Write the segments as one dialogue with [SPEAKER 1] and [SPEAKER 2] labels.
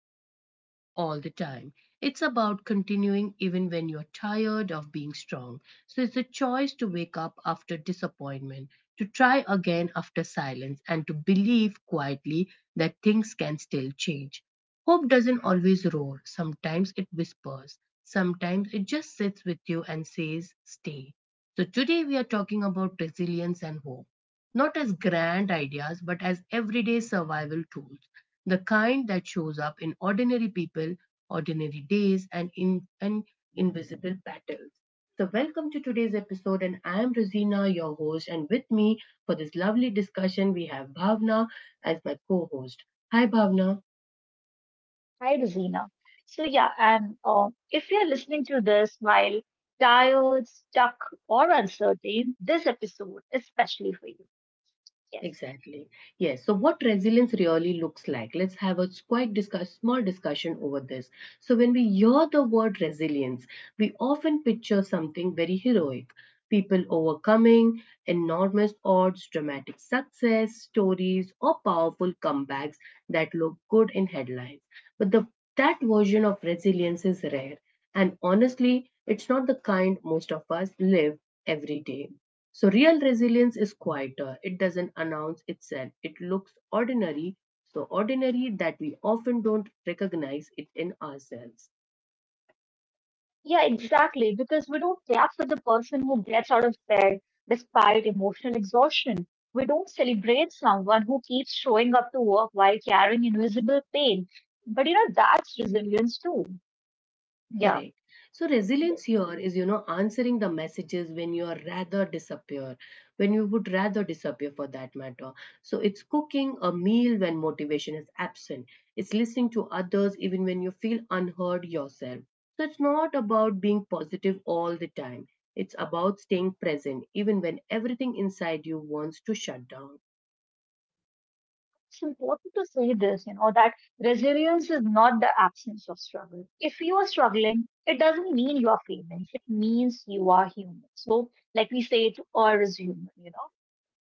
[SPEAKER 1] being strong all the time. It's about continuing even when you're tired of being strong. So it's a choice to wake up after disappointment, to try again after silence, and to believe quietly that things can still change. Hope doesn't always roar, sometimes it whispers, sometimes it just sits with you and says, "Stay." So today we are talking about resilience and hope not as grand ideas, but as everyday survival tools, the kind that shows up in ordinary people, ordinary days, and in and invisible battles. So, welcome to today's episode, and I am Rosina, your host, and with me for this lovely discussion we have Bhavna as my co-host. Hi, Bhavna.
[SPEAKER 2] Hi, Rosina. So, yeah, and if you're listening to this while tired, stuck, or uncertain, this episode is especially for you. Yes.
[SPEAKER 1] Exactly. Yes. So, what resilience really looks like? Let's have a quite discuss small discussion over this. So, when we hear the word resilience, we often picture something very heroic: people overcoming enormous odds, dramatic success stories, or powerful comebacks that look good in headlines. But the That version of resilience is rare, and honestly, it's not the kind most of us live every day. So, real resilience is quieter. It doesn't announce itself. It looks ordinary, so ordinary that we often don't recognize it in ourselves.
[SPEAKER 2] Yeah, exactly. Because we don't clap for the person who gets out of bed despite emotional exhaustion. We don't celebrate someone who keeps showing up to work while carrying invisible pain. But, that's resilience too. Yeah.
[SPEAKER 1] Correct. So resilience here is, you know, answering the messages when you would rather disappear for that matter. So it's cooking a meal when motivation is absent. It's listening to others even when you feel unheard yourself. So it's not about being positive all the time. It's about staying present even when everything inside you wants to shut down.
[SPEAKER 2] It's important to say this, that resilience is not the absence of struggle. If you are struggling, it doesn't mean you are failing. It means you are human. So, like we say, to err is human, you know?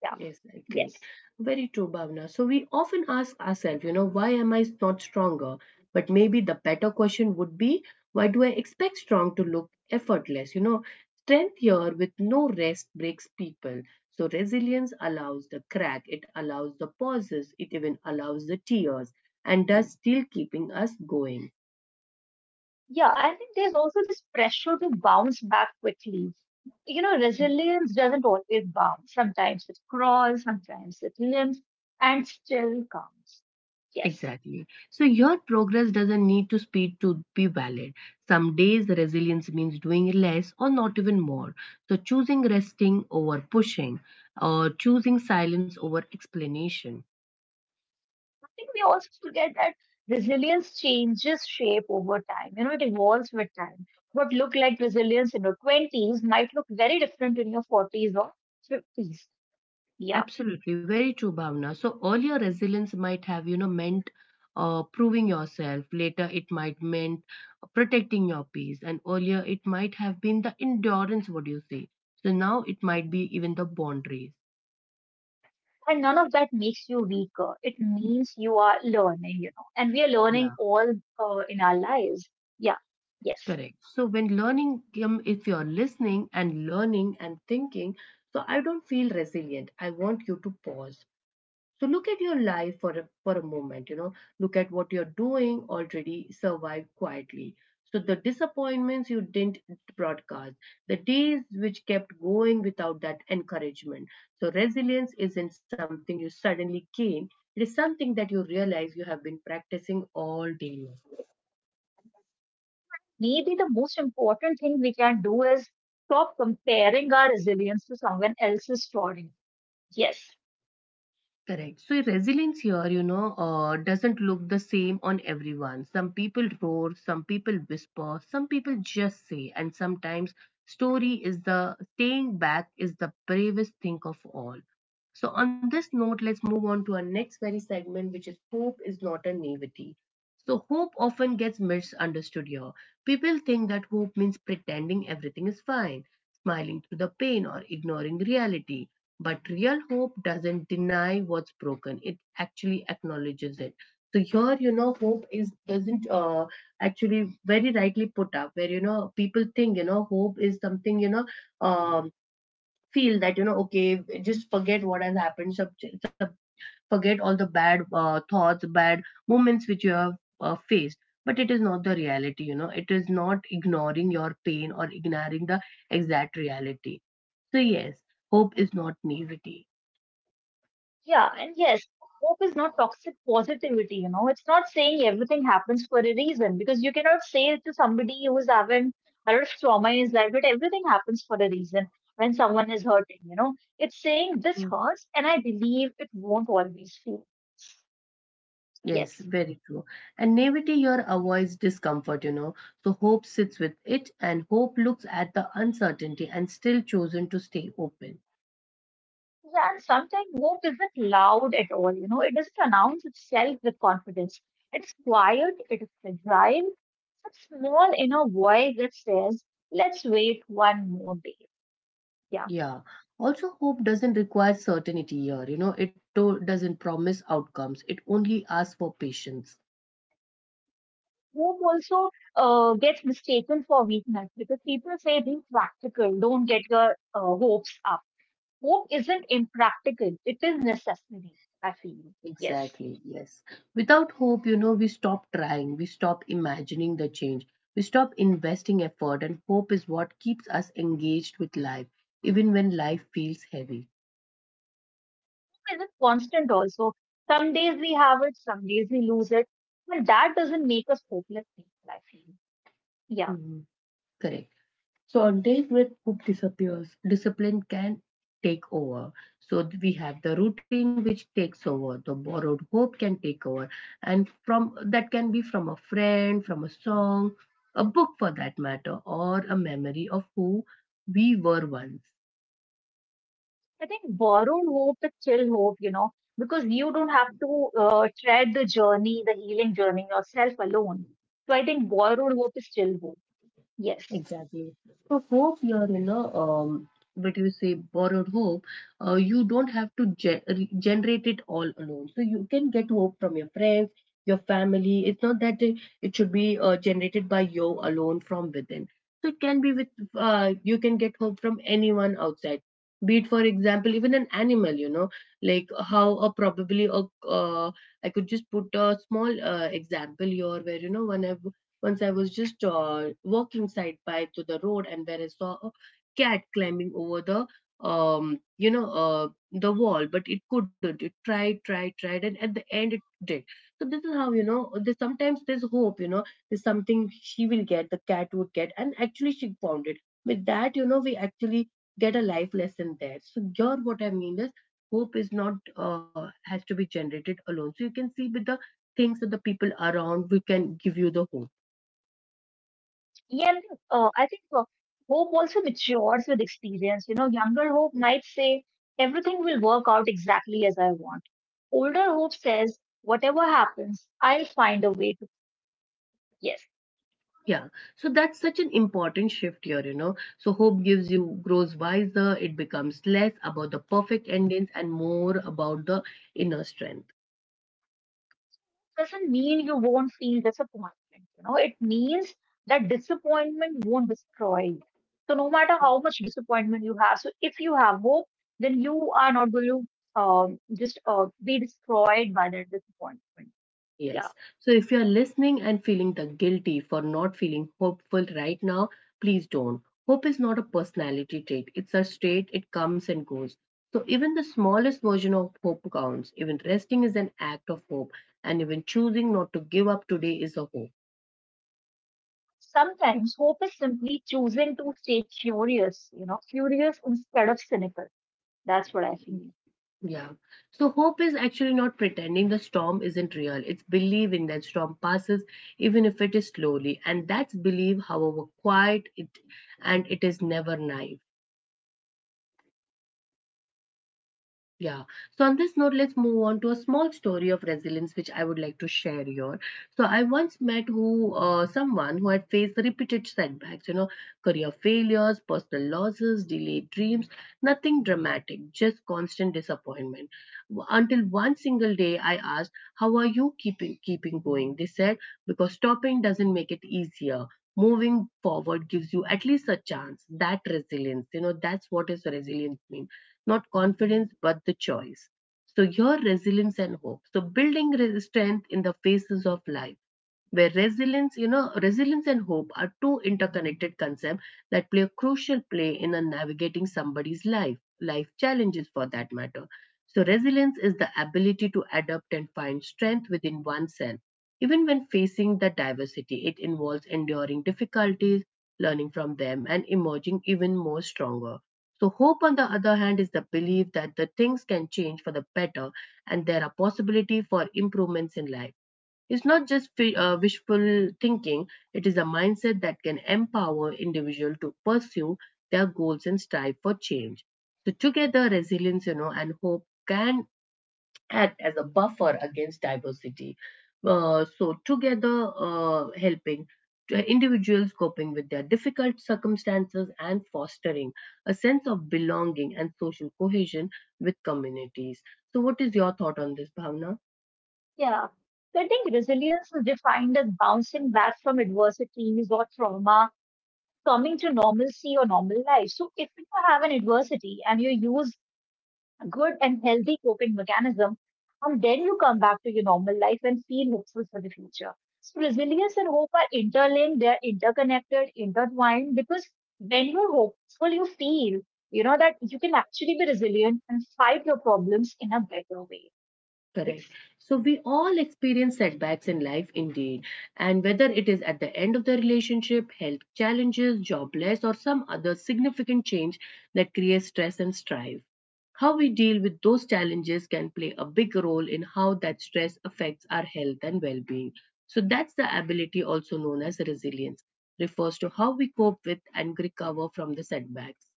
[SPEAKER 2] Yeah.
[SPEAKER 1] Exactly.
[SPEAKER 2] Yes.
[SPEAKER 1] Very true, Bhavna. So we often ask ourselves, you know, why am I not stronger? But maybe the better question would be, why do I expect strong to look effortless? You know, strength here with no rest breaks people. So resilience allows the crack, it allows the pauses, it even allows the tears, and does still keeping us going.
[SPEAKER 2] Yeah. I think there's also this pressure to bounce back quickly. You know, resilience doesn't always bounce. Sometimes it crawls, sometimes it limps, and still comes. Yes.
[SPEAKER 1] Exactly. So your progress doesn't need to speed to be valid. Some days resilience means doing less or not even more. So choosing resting over pushing or choosing silence over explanation.
[SPEAKER 2] Think we also forget that resilience changes shape over time. You know, it evolves with time. What looked like resilience in your 20s might look very different in your 40s or 50s. Yeah.
[SPEAKER 1] Absolutely, very true, Bhavna. So earlier resilience might have, you know, meant proving yourself. Later it might meant protecting your peace. And earlier it might have been the endurance, what do you say? So now it might be even the boundaries.
[SPEAKER 2] And none of that makes you weaker. It means you are learning, and we are
[SPEAKER 1] Yeah.
[SPEAKER 2] learning all in our lives. Yeah. Yes.
[SPEAKER 1] Correct. So when learning, if you're listening and learning and thinking, so I don't feel resilient. I want you to pause. So look at your life for a moment. You know, look at what you're doing already. Survive quietly. So the disappointments you didn't broadcast, the days which kept going without that encouragement. So resilience isn't something you suddenly gain. It is something that you realize you have been practicing all day long.
[SPEAKER 2] Maybe the most important thing we can do is stop comparing our resilience to someone else's story. Yes.
[SPEAKER 1] Correct. So resilience here, you know, doesn't look the same on everyone. Some people roar, some people whisper, some people just say, and sometimes story is the staying back is the bravest thing of all. So on this note, let's move on to our next very segment, which is hope is not a naivety. So hope often gets misunderstood here. People think that hope means pretending everything is fine, smiling through the pain or ignoring reality, but real hope doesn't deny what's broken. It actually acknowledges it. So here, you know, hope is doesn't actually very rightly put up where, you know, people think, you know, hope is something, you know, um, feel that, you know, okay, just forget what has happened. Sub- Forget all the bad thoughts, bad moments which you have faced. But it is not the reality, you know, it is not ignoring your pain or ignoring the exact reality. So, yes, hope is not naivety.
[SPEAKER 2] Yeah, and yes, hope is not toxic positivity. It's not saying everything happens for a reason, because you cannot say to somebody who's having a lot of trauma in his life that everything happens for a reason when someone is hurting. It's saying this
[SPEAKER 1] Mm,
[SPEAKER 2] hurts and I believe it won't always feel.
[SPEAKER 1] Yes,
[SPEAKER 2] Yes.
[SPEAKER 1] very true. And naivety here avoids discomfort, you know. So hope sits with it, and hope looks at the uncertainty and still chosen to stay open.
[SPEAKER 2] Yeah, and sometimes hope isn't loud at all. It doesn't announce itself with confidence. It's quiet, it is fragile, it's a small inner voice that says, let's wait one more day. Yeah.
[SPEAKER 1] Yeah. Also, hope doesn't require certainty here, you know. Doesn't promise outcomes. It only asks for patience.
[SPEAKER 2] Hope also gets mistaken for weakness because people say be practical, don't get your hopes up. Hope isn't impractical, it is necessary, I feel. Yes.
[SPEAKER 1] Exactly, yes. Without hope, you know, we stop trying, we stop imagining the change, we stop investing effort, and hope is what keeps us engaged with life, even when life feels heavy.
[SPEAKER 2] Hope isn't constant also. Some days we have it, some days we lose it. But that doesn't make us hopeless people, I feel. Yeah.
[SPEAKER 1] Mhm. Correct. So on days when hope disappears, discipline can take over. So we have the routine which takes over, the borrowed hope can take over, and from that can be from a friend, from a song, a book for that matter, or a memory of who we were once.
[SPEAKER 2] I think borrowed hope is still hope, because you don't have to tread the journey, the healing journey yourself alone. So I think borrowed hope is still hope. Yes.
[SPEAKER 1] Exactly. So hope what you say borrowed hope. You don't have to generate it all alone. So you can get hope from your friends, your family. It's not that it should be generated by you alone from within. So it can be with you can get hope from anyone outside. Be it for example even an animal. You know, like how a probably a I could just put a small example here where you know when I have once I was just walking side by to the road, and where I saw a cat climbing over the, the wall, but it couldn't. It tried, tried, tried, and at the end it did. So this is how you know. There's sometimes there's hope. You know, there's something she will get. The cat would get, and actually she found it. With that, you know, we actually get a life lesson there. So here, what I mean is, hope is not has to be generated alone. So you can see with the things that the people around we can give you the hope.
[SPEAKER 2] Yeah, and I think hope also matures with experience. You know, younger hope might say, everything will work out exactly as I want. Older hope says, whatever happens, I'll find a way to. Yes,
[SPEAKER 1] Yeah, so that's such an important shift here, you know. So hope gives you grows wiser, it becomes less about the perfect endings and more about the inner strength.
[SPEAKER 2] doesn't mean you won't feel disappointment. You know, it means that disappointment won't destroy you. So, no matter how much disappointment you have, so if you have hope, then you are not going to just be destroyed by that disappointment. Yeah.
[SPEAKER 1] Yes. So if you're listening and feeling the guilty for not feeling hopeful right now, please don't. Hope is not a personality trait, it's a state, it comes and goes. So even the smallest version of hope counts. Even resting is an act of hope, and even choosing not to give up today is a hope.
[SPEAKER 2] Sometimes hope is simply choosing to stay curious, curious instead of cynical. That's what I feel.
[SPEAKER 1] Yeah. So hope is actually not pretending the storm isn't real. It's believing that storm passes even if it is slowly. And that's belief, however quiet it, and it is never naive. Yeah. So on this note, let's move on to a small story of resilience, which I would like to share here. So I once met who someone who had faced repeated setbacks, you know, career failures, personal losses, delayed dreams, nothing dramatic, just constant disappointment. Until one single day, I asked, "How are you keeping going?" They said, "Because stopping doesn't make it easier. Moving forward gives you at least a chance." That resilience, you know, that's what is resilience means, not confidence, but the choice. So, your resilience and hope. So, building strength in the faces of life where resilience, you know, resilience and hope are two interconnected concepts that play a crucial play in a navigating somebody's life, life challenges for that matter. So, resilience is the ability to adapt and find strength within oneself. Even when facing the diversity, it involves enduring difficulties, learning from them, and emerging even more stronger. So, hope, on the other hand, is the belief that the things can change for the better and there are possibility for improvements in life. It's not just wishful thinking, it is a mindset that can empower individuals to pursue their goals and strive for change. So together, resilience, you know, and hope can act as a buffer against diversity. So together, helping to individuals coping with their difficult circumstances and fostering a sense of belonging and social cohesion with communities. So, what is your thought on this, Bhavna?
[SPEAKER 2] Yeah. So I think resilience is defined as bouncing back from adversities or trauma, coming to normalcy or normal life. So if you have an adversity and you use a good and healthy coping mechanism, and then you come back to your normal life and feel hopeful for the future. So resilience and hope are interlinked, they're interconnected, intertwined, because when you're hopeful, you feel, that you can actually be resilient and fight your problems in a better way.
[SPEAKER 1] Correct.
[SPEAKER 2] Yes.
[SPEAKER 1] So we all experience setbacks in life indeed. And whether it is at the end of the relationship, health challenges, jobless, or some other significant change that creates stress and strife, how we deal with those challenges can play a big role in how that stress affects our health and well being. So that's the ability also known as resilience, refers to how we cope with and recover from the setbacks.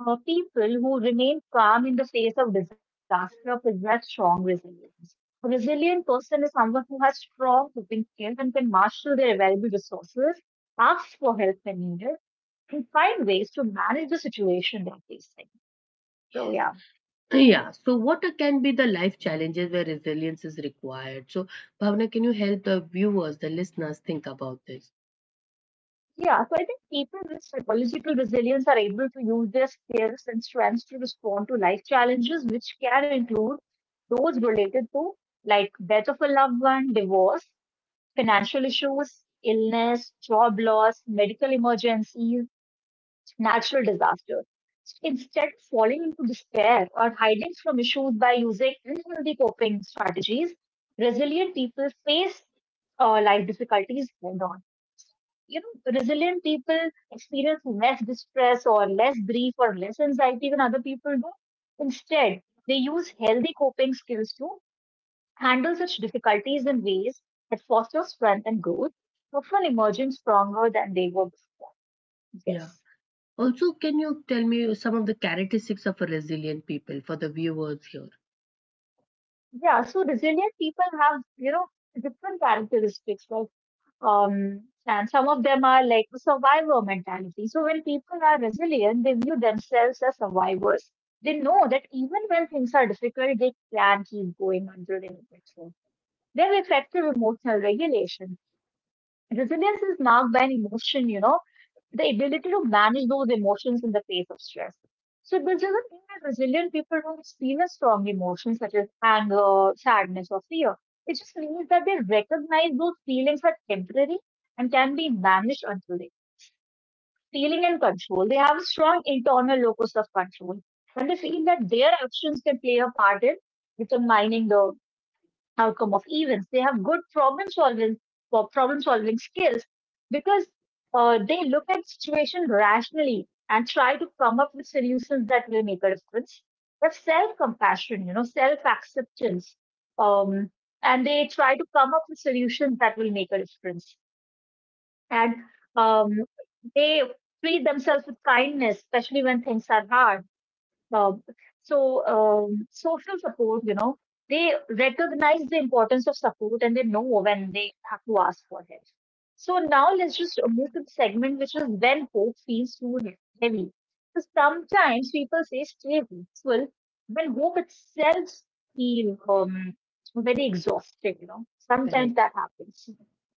[SPEAKER 2] People who remain calm in the face of disaster possess strong resilience. A resilient person is someone who has strong coping skills and can marshal their available resources, ask for help when needed, and find ways to manage the situation they're facing. So, yeah.
[SPEAKER 1] Yeah, so what can be the life challenges where resilience is required? So, Bhavna, can you help the viewers, the listeners, think about this?
[SPEAKER 2] Yeah, so I think people with psychological resilience are able to use their skills and strengths to respond to life challenges, which can include those related to like death of a loved one, divorce, financial issues, illness, job loss, medical emergencies, natural disasters. Instead of falling into despair or hiding from issues by using unhealthy coping strategies, resilient people face life difficulties head on. You know, resilient people experience less distress or less grief or less anxiety than other people do. Instead, they use healthy coping skills to handle such difficulties in ways that foster strength and growth, often emerging stronger than they were before.
[SPEAKER 1] Yeah.
[SPEAKER 2] Yes.
[SPEAKER 1] Also, can you tell me some of the characteristics of a resilient people for the viewers here?
[SPEAKER 2] Yeah, so resilient people have, different characteristics. Like, and some of them are like survivor mentality. So when people are resilient, they view themselves as survivors. They know that even when things are difficult, they can keep going until they make it through. They have effective emotional regulation. Resilience is marked by an emotion, the ability to manage those emotions in the face of stress. So this doesn't mean that resilient people don't experience strong emotions such as anger, sadness, or fear. It just means that they recognize those feelings are temporary and can be managed until they feeling and control. They have a strong internal locus of control. And they feel that their actions can play a part in determining the outcome of events. They have good problem solving or problem solving skills because they look at situation rationally and try to come up with solutions that will make a difference. They have self compassion, self acceptance, um, and they try to come up with solutions that will make a difference. And um, they treat themselves with kindness, especially when things are hard um, so social support, they recognize the importance of support and they know when they have to ask for it. So now let's just move to the segment which is when hope feels too heavy. So sometimes people say stay hopeful when hope itself feels very exhausted.
[SPEAKER 1] Correct.
[SPEAKER 2] Sometimes that happens.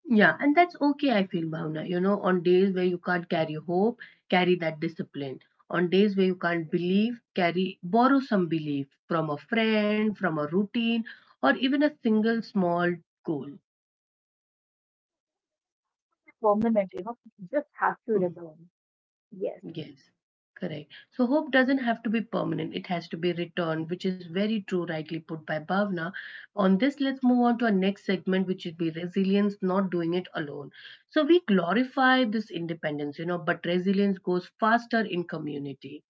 [SPEAKER 1] Yeah, and that's okay, I feel, Bhavna. You know, on days where you can't carry hope, carry that discipline. On days where you can't believe, carry borrow some belief from a friend, from a routine, or even a single small goal.
[SPEAKER 2] Permanent, you just have to return. Yes.
[SPEAKER 1] Yes, correct. So hope doesn't have to be permanent, it has to be returned, which is very true, rightly put by Bhavna. On this, let's move on to our next segment, which would be resilience, not doing it alone. So we glorify this independence, but resilience goes faster in community.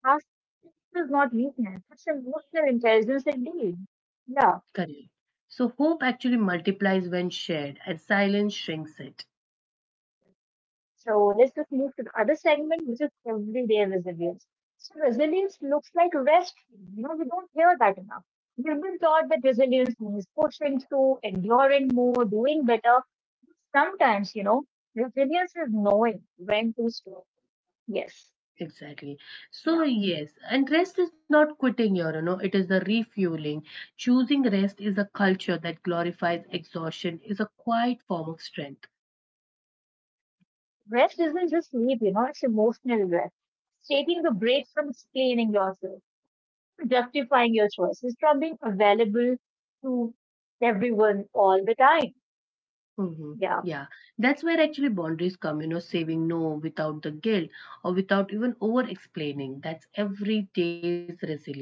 [SPEAKER 2] Ask is not weakness, it's emotional intelligence indeed. Yeah.
[SPEAKER 1] Correct. So hope actually multiplies when shared and silence shrinks it.
[SPEAKER 2] So let's just move to the other segment, which is everyday resilience. So resilience looks like rest. You know, we don't hear that enough. We've been taught that resilience means pushing through, enduring more, doing better. Sometimes, resilience is knowing when to stop. Yes.
[SPEAKER 1] Exactly.
[SPEAKER 2] Yeah.
[SPEAKER 1] So yes, and rest is not quitting your, it is the refueling. Choosing rest is a culture that glorifies exhaustion, is a quiet form of strength.
[SPEAKER 2] Rest isn't just sleep, it's emotional rest. It's taking the break from explaining yourself, justifying your choices, from being available to everyone all the time.
[SPEAKER 1] hmm
[SPEAKER 2] Yeah.
[SPEAKER 1] Yeah, that's where actually boundaries come, saving no without the guilt or without even over explaining. That's every day's resilience.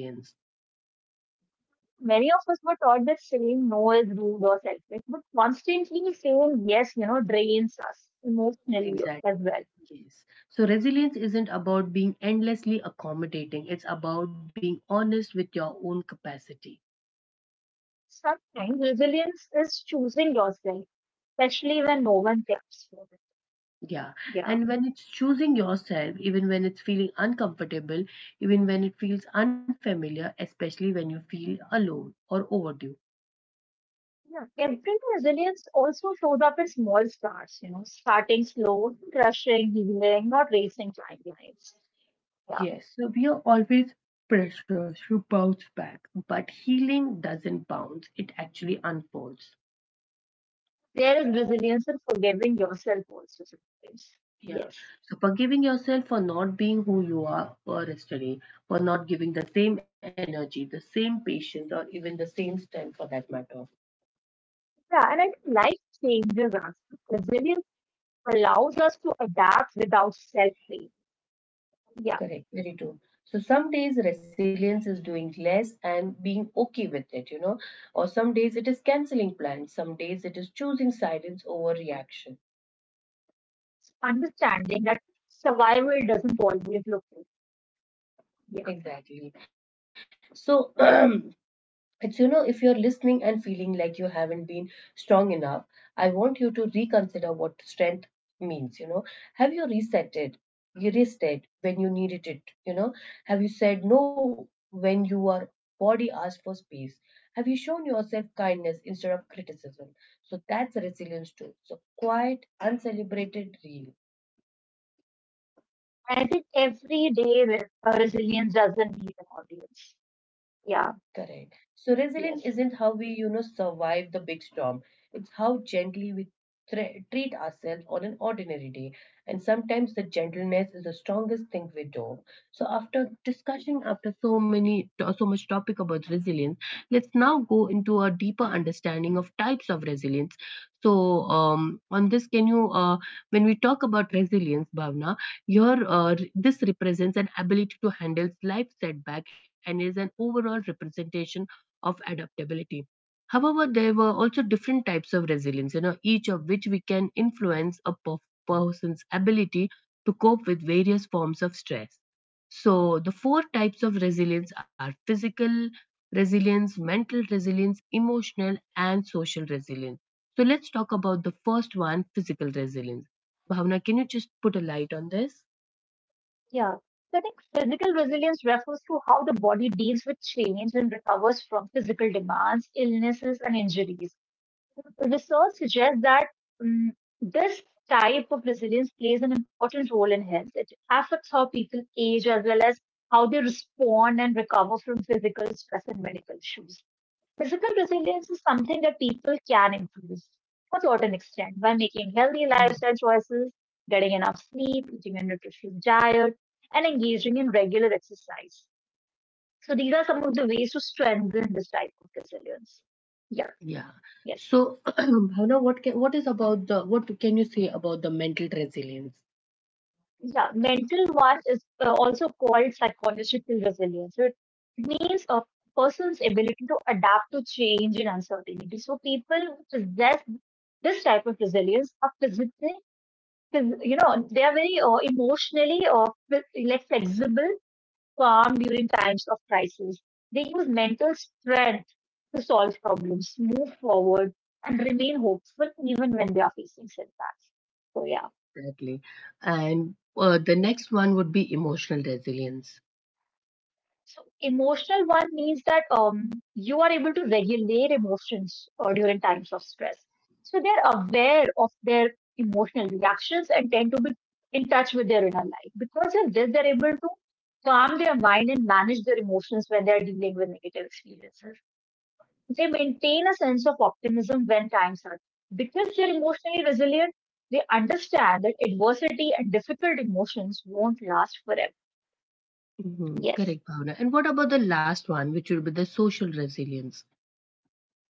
[SPEAKER 2] Many of us were taught that saying no is rude or selfish, but constantly saying yes, drains us emotionally
[SPEAKER 1] Exactly.
[SPEAKER 2] as well.
[SPEAKER 1] Yes. So resilience isn't about being endlessly accommodating. It's about being honest with your own capacity.
[SPEAKER 2] Sometimes resilience is choosing yourself, especially when no one cares for it.
[SPEAKER 1] Yeah,
[SPEAKER 2] Yeah.
[SPEAKER 1] and when it's choosing yourself, even when it's feeling uncomfortable, even when it feels unfamiliar, especially when you feel alone or overdue.
[SPEAKER 2] Yeah. Every resilience also shows up in small starts, starting slow, crushing, healing, not racing timelines. Yeah.
[SPEAKER 1] Yes, so we are always pressured to bounce back, but healing doesn't bounce, it actually unfolds.
[SPEAKER 2] There is resilience in forgiving yourself also sometimes.
[SPEAKER 1] Yeah,
[SPEAKER 2] Yes.
[SPEAKER 1] so forgiving yourself for not being who you are or yesterday, for not giving the same energy, the same patience, or even the same strength for that matter.
[SPEAKER 2] Yeah. And I think life changes us allows us to adapt without self blame. Yeah.
[SPEAKER 1] Correct, very true. So some days resilience is doing less and being okay with it, or some days it is canceling plans, some days it is choosing silence over reaction.
[SPEAKER 2] It's understanding that survival doesn't always look good. Yeah.
[SPEAKER 1] Exactly. So it's, if you're listening and feeling like you haven't been strong enough, I want you to reconsider what strength means. You know, have you reset it, erased it when you needed it? You know, have you said no when your body asked for space? Have you shown yourself kindness instead of criticism? So that's a resilience too. So quiet, uncelebrated, real.
[SPEAKER 2] I think every day resilience doesn't need an audience. Yeah.
[SPEAKER 1] Correct. So resilient isn't how
[SPEAKER 2] Yes.
[SPEAKER 1] we, survive the big storm. It's how gently we treat ourselves on an ordinary day. And sometimes the gentleness is the strongest thing we do. So after discussion, after so much topic about resilience, let's now go into a deeper understanding of types of resilience. So on this, can you, when we talk about resilience, Bhavna, your this represents an ability to handle life setback and is an overall representation of adaptability. However, there were also different types of resilience, each of which we can influence a person's ability to cope with various forms of stress. So, the four types of resilience are physical resilience, mental resilience, emotional, and social resilience. So, let's talk about the first one physical resilience. Bhavna, can you just put a light on this?
[SPEAKER 2] Yeah. So I think physical resilience refers to how the body deals with change and recovers from physical demands, illnesses, and injuries. Research suggests that mm, this type of resilience plays an important role in health. It affects how people age as well as how they respond and recover from physical stress and medical issues. Physical resilience is something that people can improve to a certain extent by making healthy
[SPEAKER 1] Mm.
[SPEAKER 2] lifestyle choices, getting enough sleep, eating a nutritious diet, and engaging in regular exercise. So these are some of the ways to strengthen this type of resilience. Yeah,
[SPEAKER 1] Yeah.
[SPEAKER 2] yes.
[SPEAKER 1] So, Bhavna, what can you say about the mental resilience
[SPEAKER 2] Yeah, mental VAR is also called psychological resilience. So it means a person's ability to adapt to change and uncertainty. So people who possess this type of resilience are physically, they are very emotionally or like flexible, calm during times of crisis. They use mental strength to solve problems, move forward, and remain hopeful even when they are facing setbacks. So yeah.
[SPEAKER 1] exactly? And the next one would be emotional resilience.
[SPEAKER 2] So emotional one means that you are able to regulate emotions or during times of stress. So they're aware of their emotional reactions and tend to be in touch with their inner life. Because of this, they're able to calm their mind and manage their emotions when they're dealing with negative experiences. They maintain a sense of optimism when times are because they're emotionally resilient, they understand that adversity and difficult emotions won't last forever.
[SPEAKER 1] Mhm.
[SPEAKER 2] Yes.
[SPEAKER 1] Correct, Bhavna. And what about the last one, which would be the social resilience?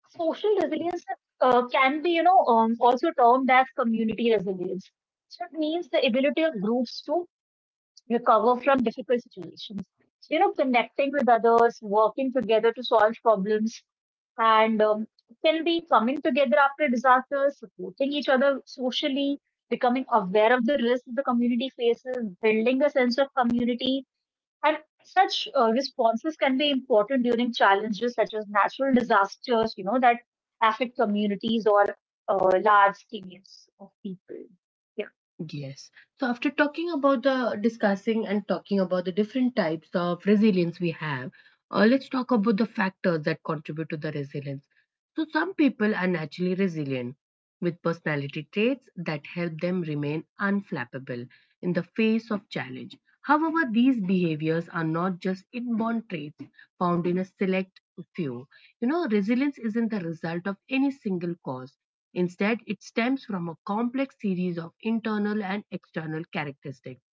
[SPEAKER 2] Social resilience can be, also termed as community resilience. So it means the ability of groups to recover from difficult situations. So, you know, connecting with others, working together to solve problems, and can be coming together after disasters, supporting each other socially, becoming aware of the risks the community faces, building a sense of community, and such responses can be important during challenges such as natural disasters, that affect communities or uh, large teams of people. Yeah,
[SPEAKER 1] Yes. So after talking about the discussing and talking about the different types of resilience we have, let's talk about the factors that contribute to the resilience. So some people are naturally resilient with personality traits that help them remain unflappable in the face of challenge. However, these behaviors are not just inborn traits found in a select few. You know, resilience isn't the result of any single cause. Instead, it stems from a complex series of internal and external characteristics,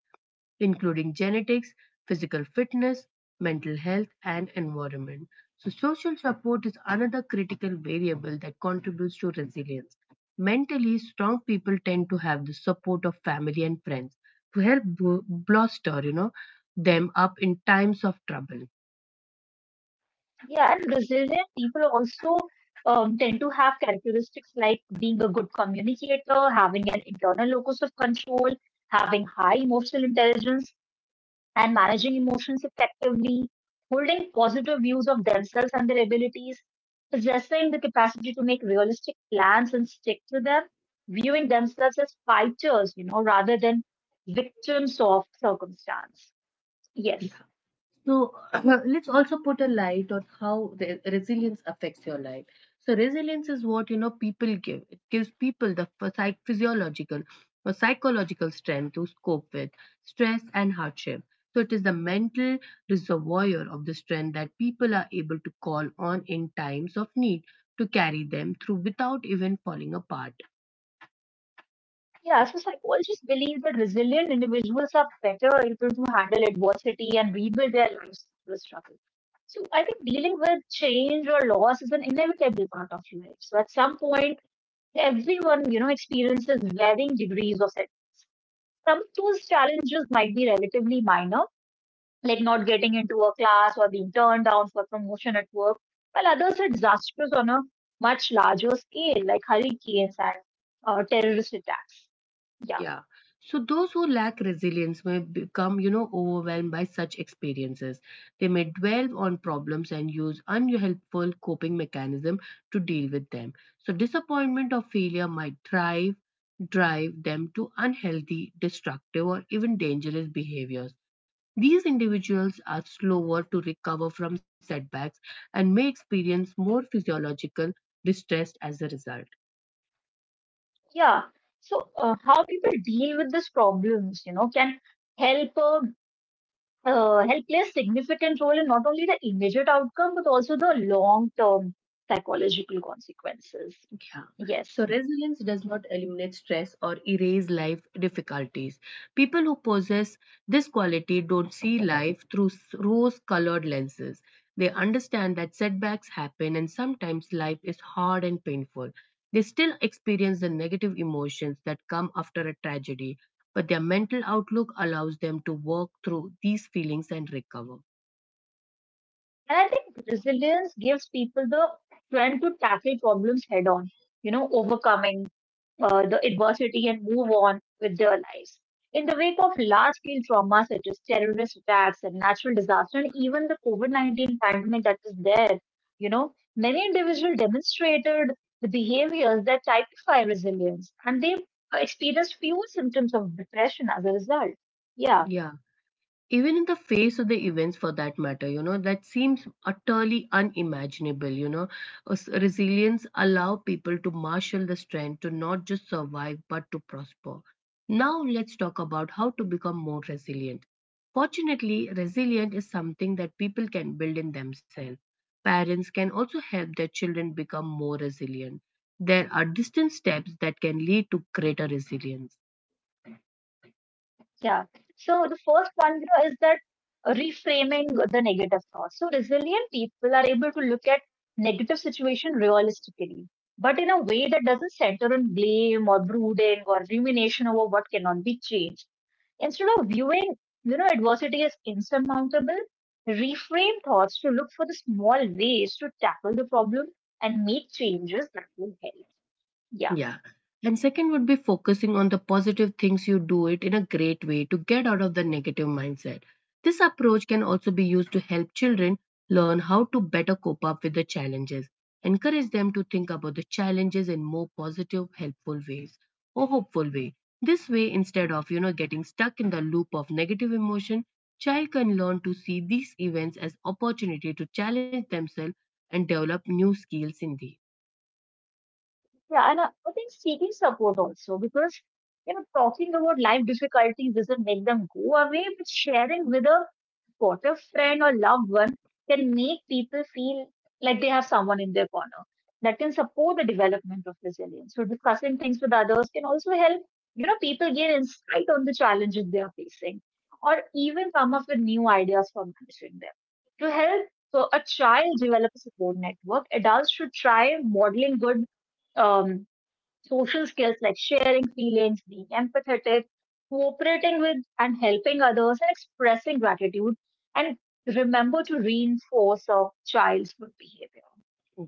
[SPEAKER 1] including genetics, physical fitness, mental health, and environment. So, social support is another critical variable that contributes to resilience. Mentally strong people tend to have the support of family and friends to help bolster, them up in times of trouble.
[SPEAKER 2] yeah, and resilient people also tend to have characteristics like being a good communicator, having an internal locus of control, having high emotional intelligence, and managing emotions effectively, holding positive views of themselves and their abilities, possessing the capacity to make realistic plans and stick to them, viewing themselves as fighters, you know, rather than victims of circumstance. Yes.
[SPEAKER 1] So let's also put a light on how the resilience affects your life. So resilience is what you know people give. It gives people the physiological or psychological strength to cope with stress and hardship. So it is the mental reservoir of the strength that people are able to call on in times of need to carry them through without even falling apart.
[SPEAKER 2] Yeah, so psychologists believe that resilient individuals are better able to handle adversity and rebuild their lives through struggle. So I think dealing with change or loss is an inevitable part of life. So at some point, everyone, you know, experiences varying degrees of it. Some of those challenges might be relatively minor, like not getting into a class or being turned down for promotion at work, while others are disastrous on a much larger scale, like hurricanes and terrorist attacks. Yeah,
[SPEAKER 1] Yeah. So those who lack resilience may become, overwhelmed by such experiences. They may dwell on problems and use unhelpful coping mechanism to deal with them. So disappointment or failure might thrive, drive them to unhealthy, destructive, or even dangerous behaviors. These individuals are slower to recover from setbacks and may experience more physiological distress as a result.
[SPEAKER 2] yeah. So, how people deal with these problems, you know, can help help play a significant role in not only the immediate outcome but also the long term psychological consequences.
[SPEAKER 1] Yeah.
[SPEAKER 2] Yes.
[SPEAKER 1] So resilience does not eliminate stress or erase life difficulties. People who possess this quality don't see life through rose colored lenses. They understand that setbacks happen and sometimes life is hard and painful. They still experience the negative emotions that come after a tragedy, but their mental outlook allows them to work through these feelings and recover.
[SPEAKER 2] And I think resilience gives people the strength to tackle problems head on, you know, overcoming the adversity and move on with their lives. In the wake of large scale trauma such as terrorist attacks and natural disaster, and even the COVID-19 pandemic that is there, you know, many individuals demonstrated the behaviors that typify resilience and they experienced fewer symptoms of depression as a result. Yeah.
[SPEAKER 1] Yeah. Even in the face of the events for that matter, you know, that seems utterly unimaginable, resilience allow people to marshal the strength to not just survive but to prosper. Now let's talk about how to become more resilient. Fortunately, resilient is something that people can build in themselves. Parents can also help their children become more resilient. There are distant steps that can lead to greater resilience.
[SPEAKER 2] Yeah. So the first one, you know, is that reframing the negative thoughts. So resilient people are able to look at negative situation realistically, but in a way that doesn't center on blame or brooding or rumination over what cannot be changed. Instead of viewing, you know, adversity as insurmountable, reframe thoughts to look for the small ways to tackle the problem and make changes that will help. Yeah.
[SPEAKER 1] Yeah. And second would be focusing on the positive things you do it in a great way to get out of the negative mindset. This approach can also be used to help children learn how to better cope up with the challenges. Encourage them to think about the challenges in more positive, helpful ways or hopeful way. This way, instead of you know getting stuck in the loop of negative emotion, child can learn to see these events as opportunity to challenge themselves and develop new skills in these.
[SPEAKER 2] Yeah, and I think seeking support also, because you know, talking about life difficulties doesn't make them go away, but sharing with a supportive friend or loved one can make people feel like they have someone in their corner that can support the development of resilience. So discussing things with others can also help, you know, people gain insight on the challenges they are facing, or even come up with new ideas for managing them to help. So a child develop a support network. Adults should try modeling good. Um, Social skills like sharing feelings, being empathetic, cooperating with and helping others, and expressing gratitude. And remember to reinforce a child's good behavior.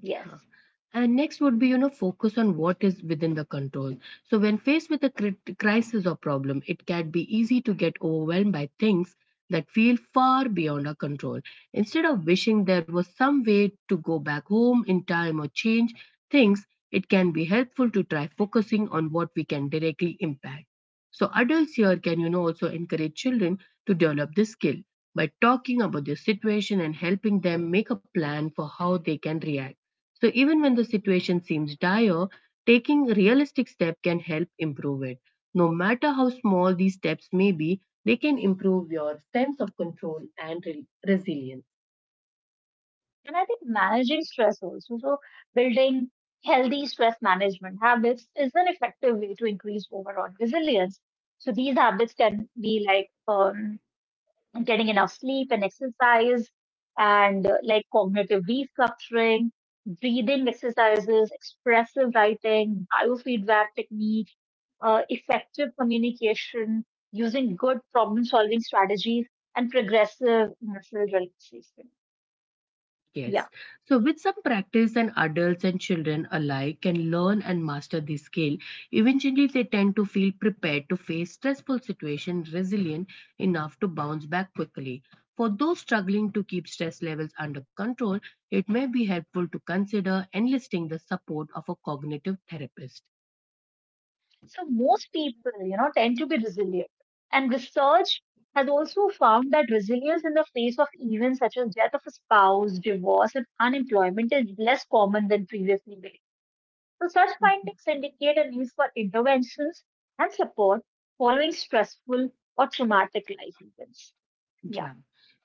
[SPEAKER 2] Yes.
[SPEAKER 1] And next would be, focus on what is within the control. So, when faced with a crisis or problem, it can be easy to get overwhelmed by things that feel far beyond our control. Instead of wishing there was some way to go back home in time or change things, it can be helpful to try focusing on what we can directly impact. So, adults here can, also encourage children to develop this skill by talking about their situation and helping them make a plan for how they can react. So even when the situation seems dire, taking a realistic step can help improve it. No matter how small these steps may be, they can improve your sense of control and resilience.
[SPEAKER 2] And I think managing stress also, so building healthy stress management habits is an effective way to increase overall resilience. So these habits can be like, getting enough sleep and exercise and like cognitive restructuring, breathing exercises, expressive writing, biofeedback techniques, effective communication, using good problem solving strategies, and progressive muscle relaxation.
[SPEAKER 1] Yes.
[SPEAKER 2] Yeah.
[SPEAKER 1] So, with some practice, and adults and children alike can learn and master this skill. Eventually, they tend to feel prepared to face stressful situations, resilient enough to bounce back quickly. For those struggling to keep stress levels under control, it may be helpful to consider enlisting the support of a cognitive therapist.
[SPEAKER 2] So most people, you know, tend to be resilient. And research has also found that resilience in the face of events such as death of a spouse, divorce, and unemployment is less common than previously believed. So such
[SPEAKER 1] Mhm.
[SPEAKER 2] findings indicate a need for interventions and support following stressful or traumatic life events. Yeah.
[SPEAKER 1] Yeah.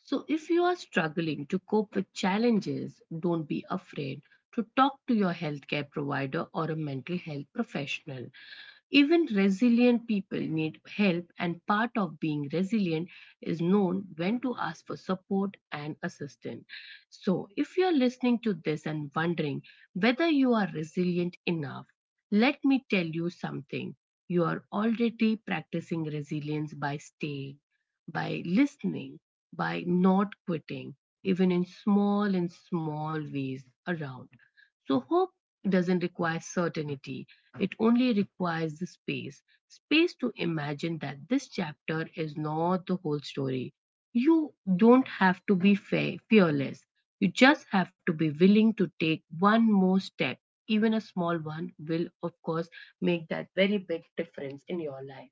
[SPEAKER 1] So if you are struggling to cope with challenges, don't be afraid to talk to your healthcare provider or a mental health professional. Even resilient people need help, and part of being resilient is known when to ask for support and assistance. So, if you are listening to this and wondering whether you are resilient enough, let me tell you something. You are already practicing resilience by staying, by listening, by not quitting, even in small and small ways around. So, hope doesn't require certainty. It only requires the space. Space to imagine that this chapter is not the whole story. You don't have to be fearless. You just have to be willing to take one more step. Even a small one will, of course, make that very big difference in your life.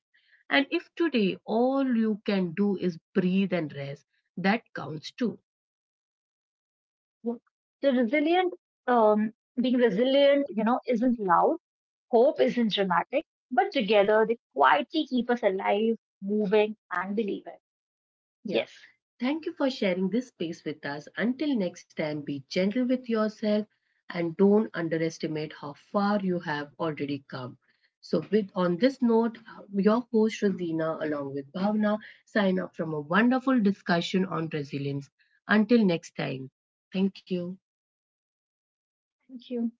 [SPEAKER 1] And if today all you can do is breathe and rest, that counts too.
[SPEAKER 2] The resilient, um, being resilient, you know, isn't loud. Hope isn't dramatic, but together they quietly keep us alive, moving, and believing.
[SPEAKER 1] Yeah.
[SPEAKER 2] Yes.
[SPEAKER 1] Thank you for sharing this space with us. Until next time, be gentle with yourself and don't underestimate how far you have already come. So, with on this note, your host Rosina, along with Bhavna, sign up from a wonderful discussion on resilience. Until next time, thank you.
[SPEAKER 2] Thank you.